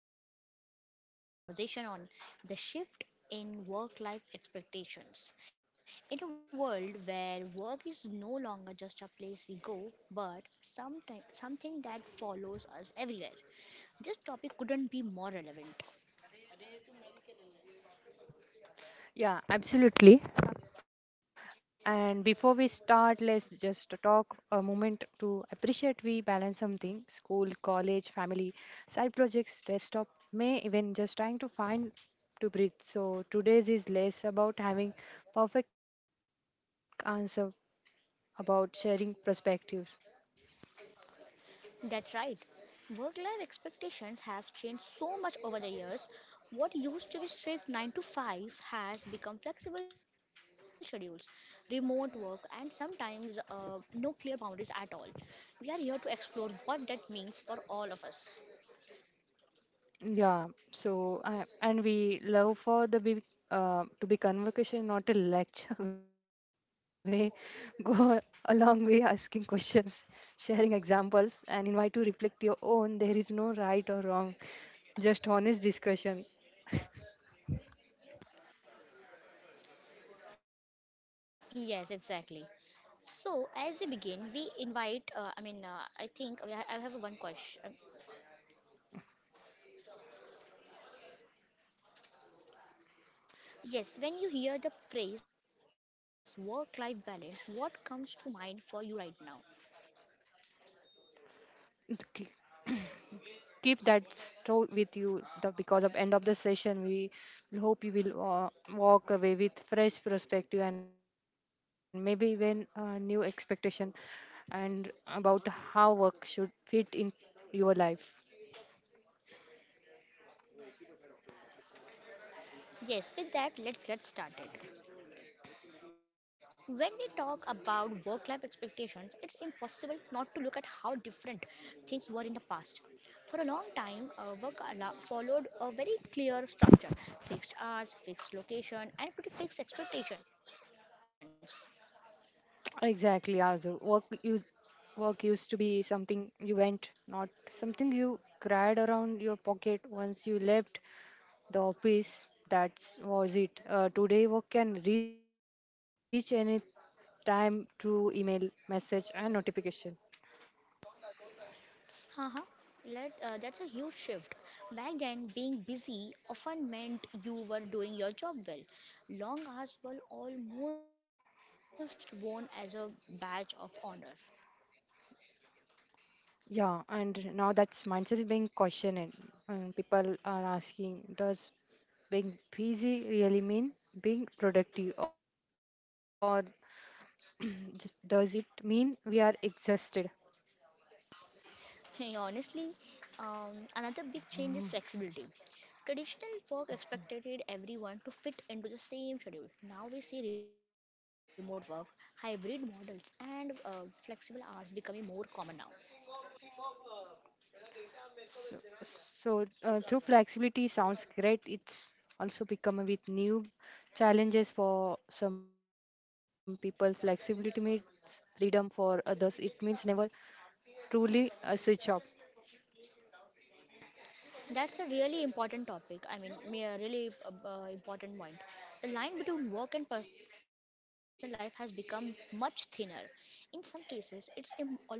Thank you for taking the time to join this conversation on the shift in work life expectations. In a world where work is no longer just a place we go, but something that follows us everywhere, this topic couldn't be more relevant. Yeah, absolutely. And before we start, let's just talk a moment to appreciate we balance something school, college, family, side projects, rest stop, may even just trying to find to breathe. So today's is less about having perfect answer about sharing perspectives. That's right. Work life expectations have changed so much over the years. What used to be strict 9 to 5 has become flexible schedules, remote work, and sometimes no clear boundaries at all. We are here to explore what that means for all of us. Yeah, and we love for the big to be convocation, not a lecture. We go a long way asking questions, sharing examples, and invite to reflect your own. There is no right or wrong, just honest discussion. Yes, exactly. So, as we begin, we invite, I mean, I think we ha- I have a one question. Yes, when you hear the phrase work life balance, what comes to mind for you right now? Okay. Keep that store with you the, because of end of the session we hope you will walk away with fresh perspective and maybe even new expectation and about how work should fit in your life Yes, with that, let's get started. When we talk about work life expectations, it's impossible not to look at how different things were in the past. For a long time, followed a very clear structure: fixed hours, fixed location, and pretty fixed expectations. exactly Azu. Work used to be something you went not something you cried around your pocket once you left the office that was it today work can reach any time through email, message, and notification. Uh-huh. That's a huge shift. Back then, being busy often meant you were doing your job well. Long hours were almost worn as a badge of honor. Yeah, and now that mindset is being questioned, and people are asking, does being busy really mean being productive, or does it mean we are exhausted? Hey, honestly, another big change is flexibility. Traditional work expected everyone to fit into the same schedule. Now we see remote work, hybrid models, and flexible hours becoming more common now. So, so, through flexibility sounds great. It's also become with new challenges for some people. Flexibility means freedom for others. It means never truly a switch off. That's a really important topic. A really important point. The line between work and personal life has become much thinner. In some cases, it's almost invisible.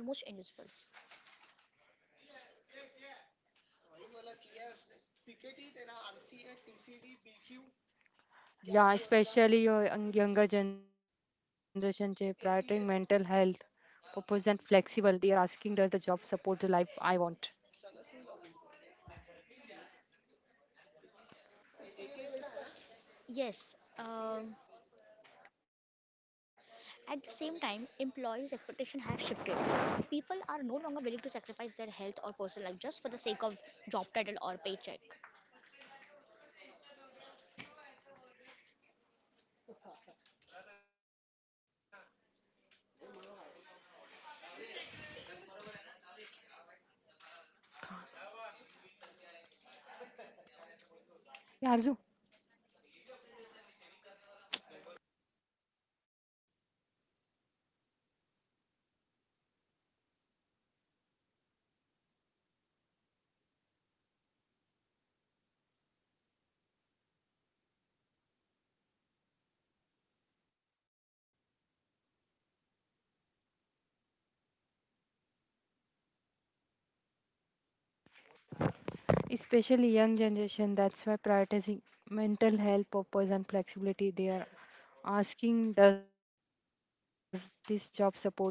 Yeah, especially your younger generation, they prioritizing mental health, purpose and flexible. They are asking, does the job support the life I want? Yes, at the same time, employees' expectation has shifted. People are no longer willing to sacrifice their health or personal life just for the sake of job title or paycheck. Yeah, Arzu, especially young generation, that's why prioritizing mental health, purpose and flexibility. They are asking, does this job support the life I want?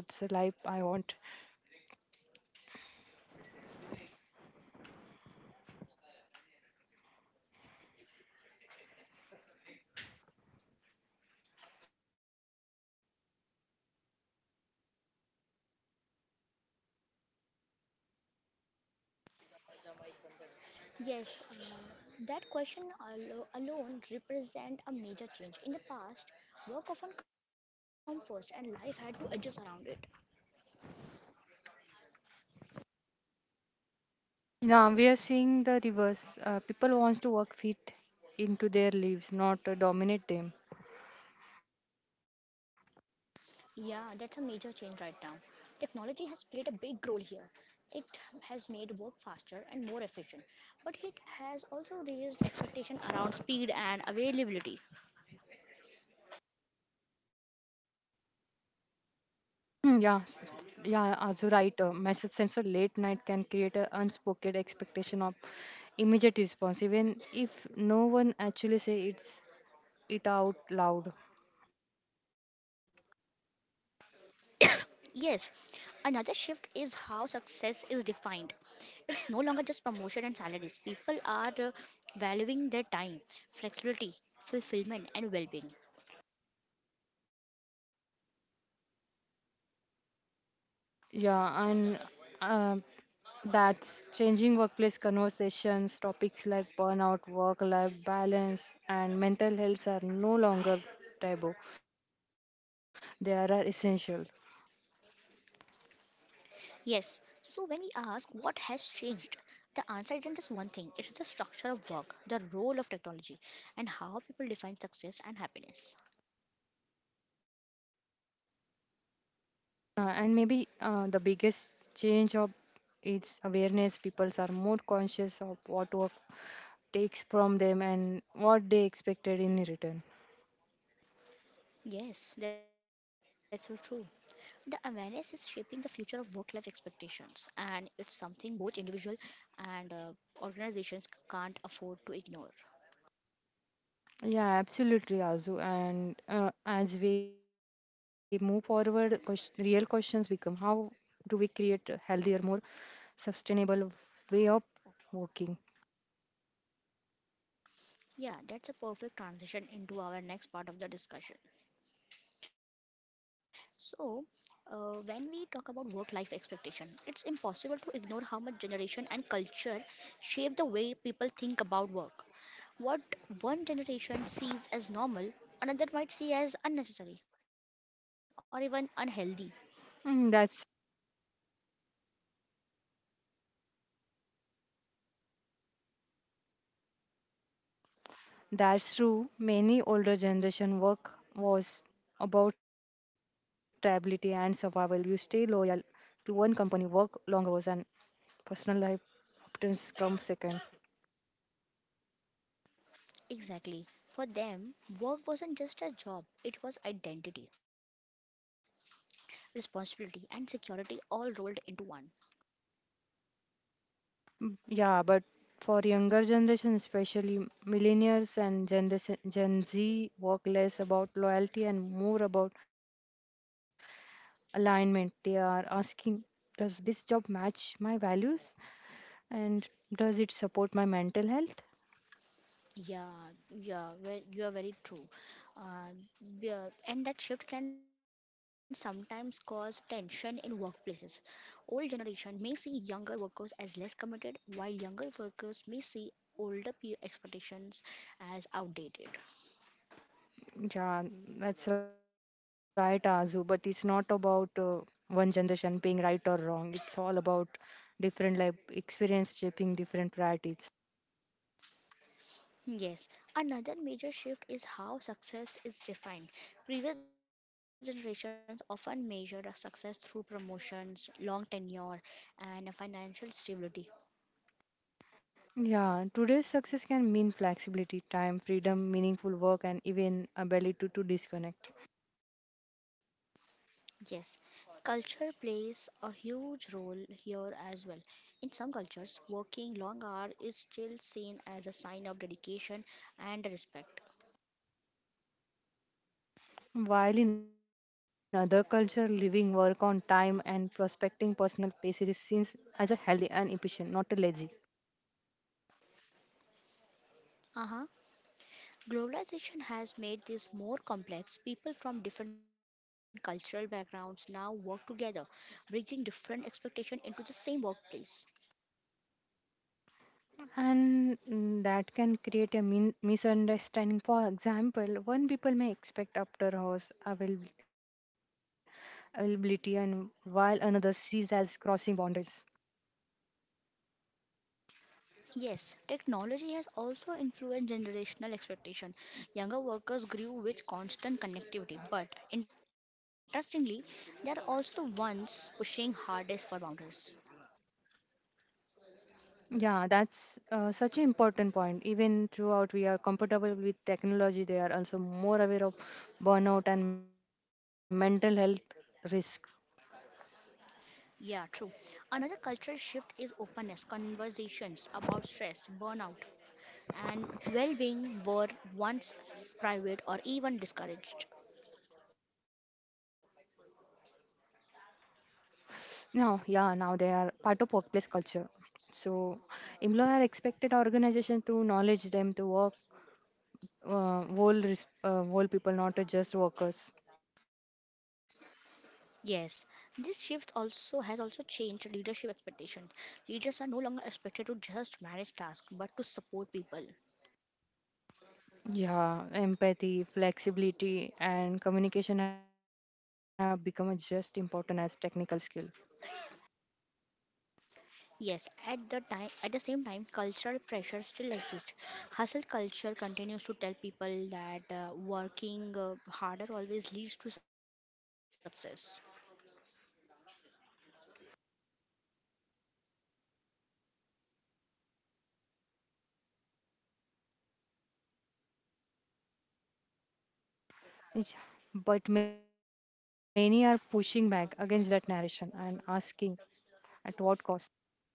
Yes, that question alone represent a major change. In the past, work often come first and life had to adjust around it. Yeah, we are seeing the reverse. People wants to work fit into their lives, not dominate them. Yeah, that's a major change right now. Technology has played a big role here. It has made work faster and more efficient, but it has also raised expectation around speed and availability. Hmm, yeah, s- yeah, also right. Message sent so late night can create an unspoken expectation of immediate response, even if no one actually say it's it out loud. Yes, another shift is how success is defined. It's no longer just promotion and salaries. People are valuing their time, flexibility, fulfillment, and well being. Yeah, and uh, that's changing workplace conversations. Topics like burnout, work-life balance, and mental health are no longer taboo. They are essential. Yes, so when we ask what has changed, the answer isn't just one thing, it's the structure of work, the role of technology, and how people define success and happiness. And maybe the biggest change of its awareness. People are more conscious of what work takes from them and what they expected in return. Yes, that's so true. The awareness is shaping the future of work life expectations, and it's something both individual and organizations can't afford to ignore. Yeah, absolutely, Azu. And as we move forward, real questions become: How do we create a healthier, more sustainable way of working? Yeah, that's a perfect transition into our next part of the discussion. So, when we talk about work life expectation, it's impossible to ignore how much generation and culture shape the way people think about work. What one generation sees as normal, another might see as unnecessary or even unhealthy. Mm, that's That's true. Many older generation work was about stability and survival. You stay loyal to one company, work long hours, and personal life often comes second. Exactly. For them, work wasn't just a job, it was identity, responsibility, and security all rolled into one. Yeah, but for younger generation, especially millennials and Gen Z, work less about loyalty and more about alignment. They are asking, does this job match my values, and does it support my mental health? Yeah, yeah, you are very true. Uh, yeah, And that shift can sometimes cause tension in workplaces. Old generation may see younger workers as less committed, while younger workers may see older peer expectations as outdated. Yeah, that's right, Azu. But it's not about one generation being right or wrong. It's all about different life experience shaping different priorities. Yes, another major shift is how success is defined. Previous generations often measured a success through promotions, long tenure, and a financial stability. Yeah, today's success can mean flexibility, time, freedom, meaningful work, and even ability to disconnect. Yes, culture plays a huge role here as well. In some cultures, working long hours is still seen as a sign of dedication and respect. While in other culture, living work on time and prospecting personal spaces is seen as a healthy and efficient, not a lazy. Uh Globalization has made this more complex. People from different cultural backgrounds now work together, bringing different expectations into the same workplace. And that can create a misunderstanding for example one people may expect after hours availability and while another sees as crossing boundaries Yes, technology has also influenced generational expectation. Younger workers grew with constant connectivity, but interestingly, they are also the ones pushing hardest for boundaries. yeah that's such an important point even throughout we are comfortable with technology they are also more aware of burnout and mental health risk Yeah, true. Another cultural shift is openness. Conversations about stress, burnout, and well being were once private or even discouraged. now yeah now they are part of workplace culture so employer expected organization to knowledge them to work whole people, not just workers. Yes, this shift also has also changed leadership expectations. Leaders are no longer expected to just manage tasks but to support people. Yeah, empathy, flexibility, and communication have become just important as technical skill. Yes, at the same time cultural pressure still exists. Hustle culture continues to tell people that working harder always leads to success. Yeah, but many are pushing back against that narration and asking at what cost.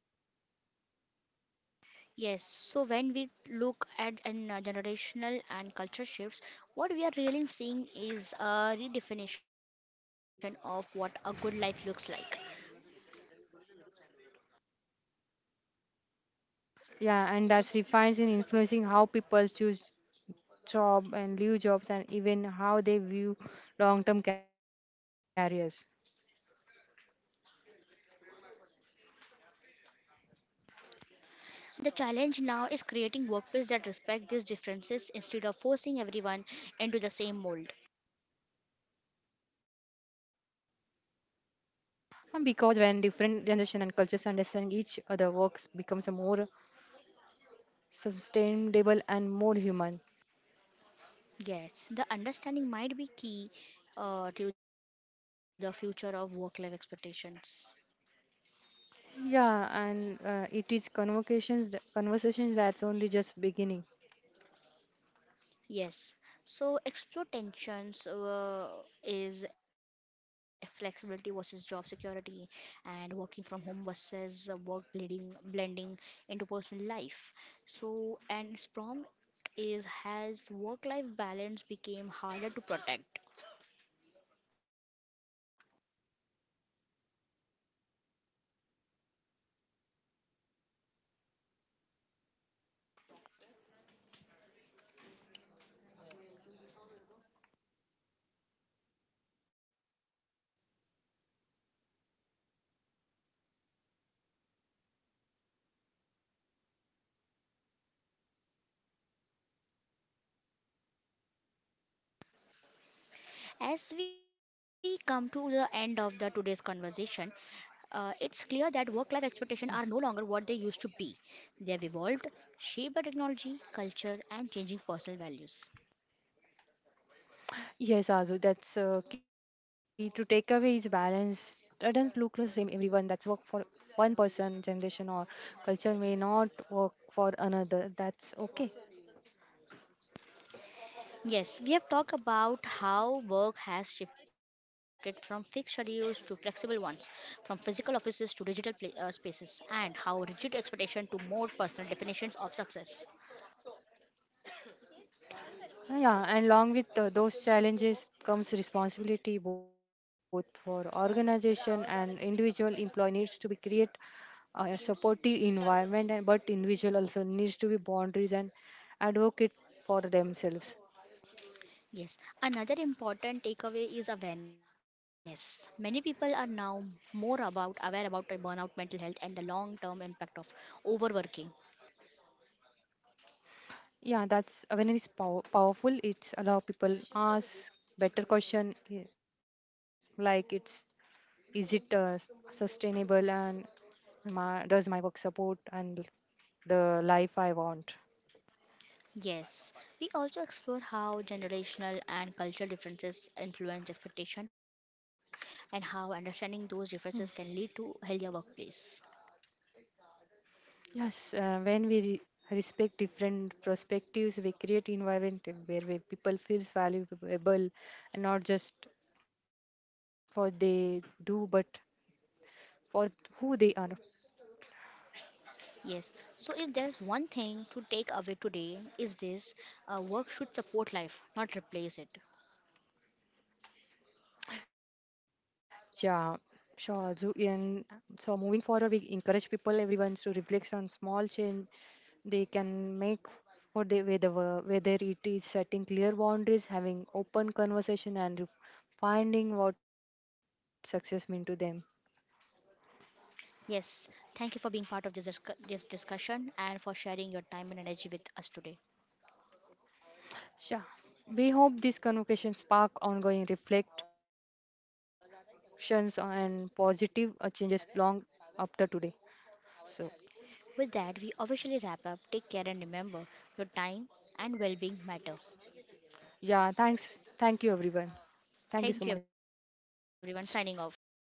Yes, so when we look at generational and culture shifts, what we are really seeing is a redefinition of what a good life looks like. Yeah, and that's refines in influencing how people choose job and leave jobs and even how they view long-term careers. The challenge now is creating workplace that respect these differences instead of forcing everyone into the same mold. And because when different generation and cultures understand each other works becomes a more sustainable and more human. Yes, the understanding might be key to the future of work-life expectations. Yeah, and it is conversations that's only just beginning. Yes. So explore tensions is flexibility versus job security and working from home versus work blending into personal life. So and its prompt is, has work life balance became harder to protect? As we come to the end of the today's conversation, it's clear that work-life expectations are no longer what they used to be. They have evolved, shaped by technology, culture, and changing personal values. Yes, Azu, that's key to take away is balance. Doesn't look the same everyone. That's work for one person, generation or culture may not work for another. That's okay. Yes, we have talked about how work has shifted from fixed schedules to flexible ones, from physical offices to digital pla spaces, and how rigid expectation to more personal definitions of success. Yeah, and along with those challenges comes responsibility both for organization and individual employee needs to be create a supportive environment, and but individual also needs to be boundaries and advocate for themselves. Yes, another important takeaway is awareness. Many people are now more about aware about a burnout, mental health, and the long-term impact of overworking. Yeah, that's awareness is powerful. It's allow people ask better question eh, like it's is it sustainable and my, does my work support and the life I want. Yes, we also explore how generational and cultural differences influence expectation and how understanding those differences can lead to healthier workplace. Yes, when we respect different perspectives, we create environment where people feels valuable, and not just for they do, but for who they are. Yes, so if there is one thing to take away today is this, work should support life, not replace it. Yeah, sure. So, moving forward, we encourage people, everyone, to reflect on small change they can make for the whether it is setting clear boundaries, having open conversation, and finding what success mean to them. Yes, thank you for being part of this discussion and for sharing your time and energy with us today. Sure. We hope this convocation spark ongoing reflections and positive changes long after today. So, With that, we officially wrap up. Take care and remember your time and well being matter. yeah, thanks. Thank you, everyone. Thank you Thank so you, much. everyone. Signing off. Signing off.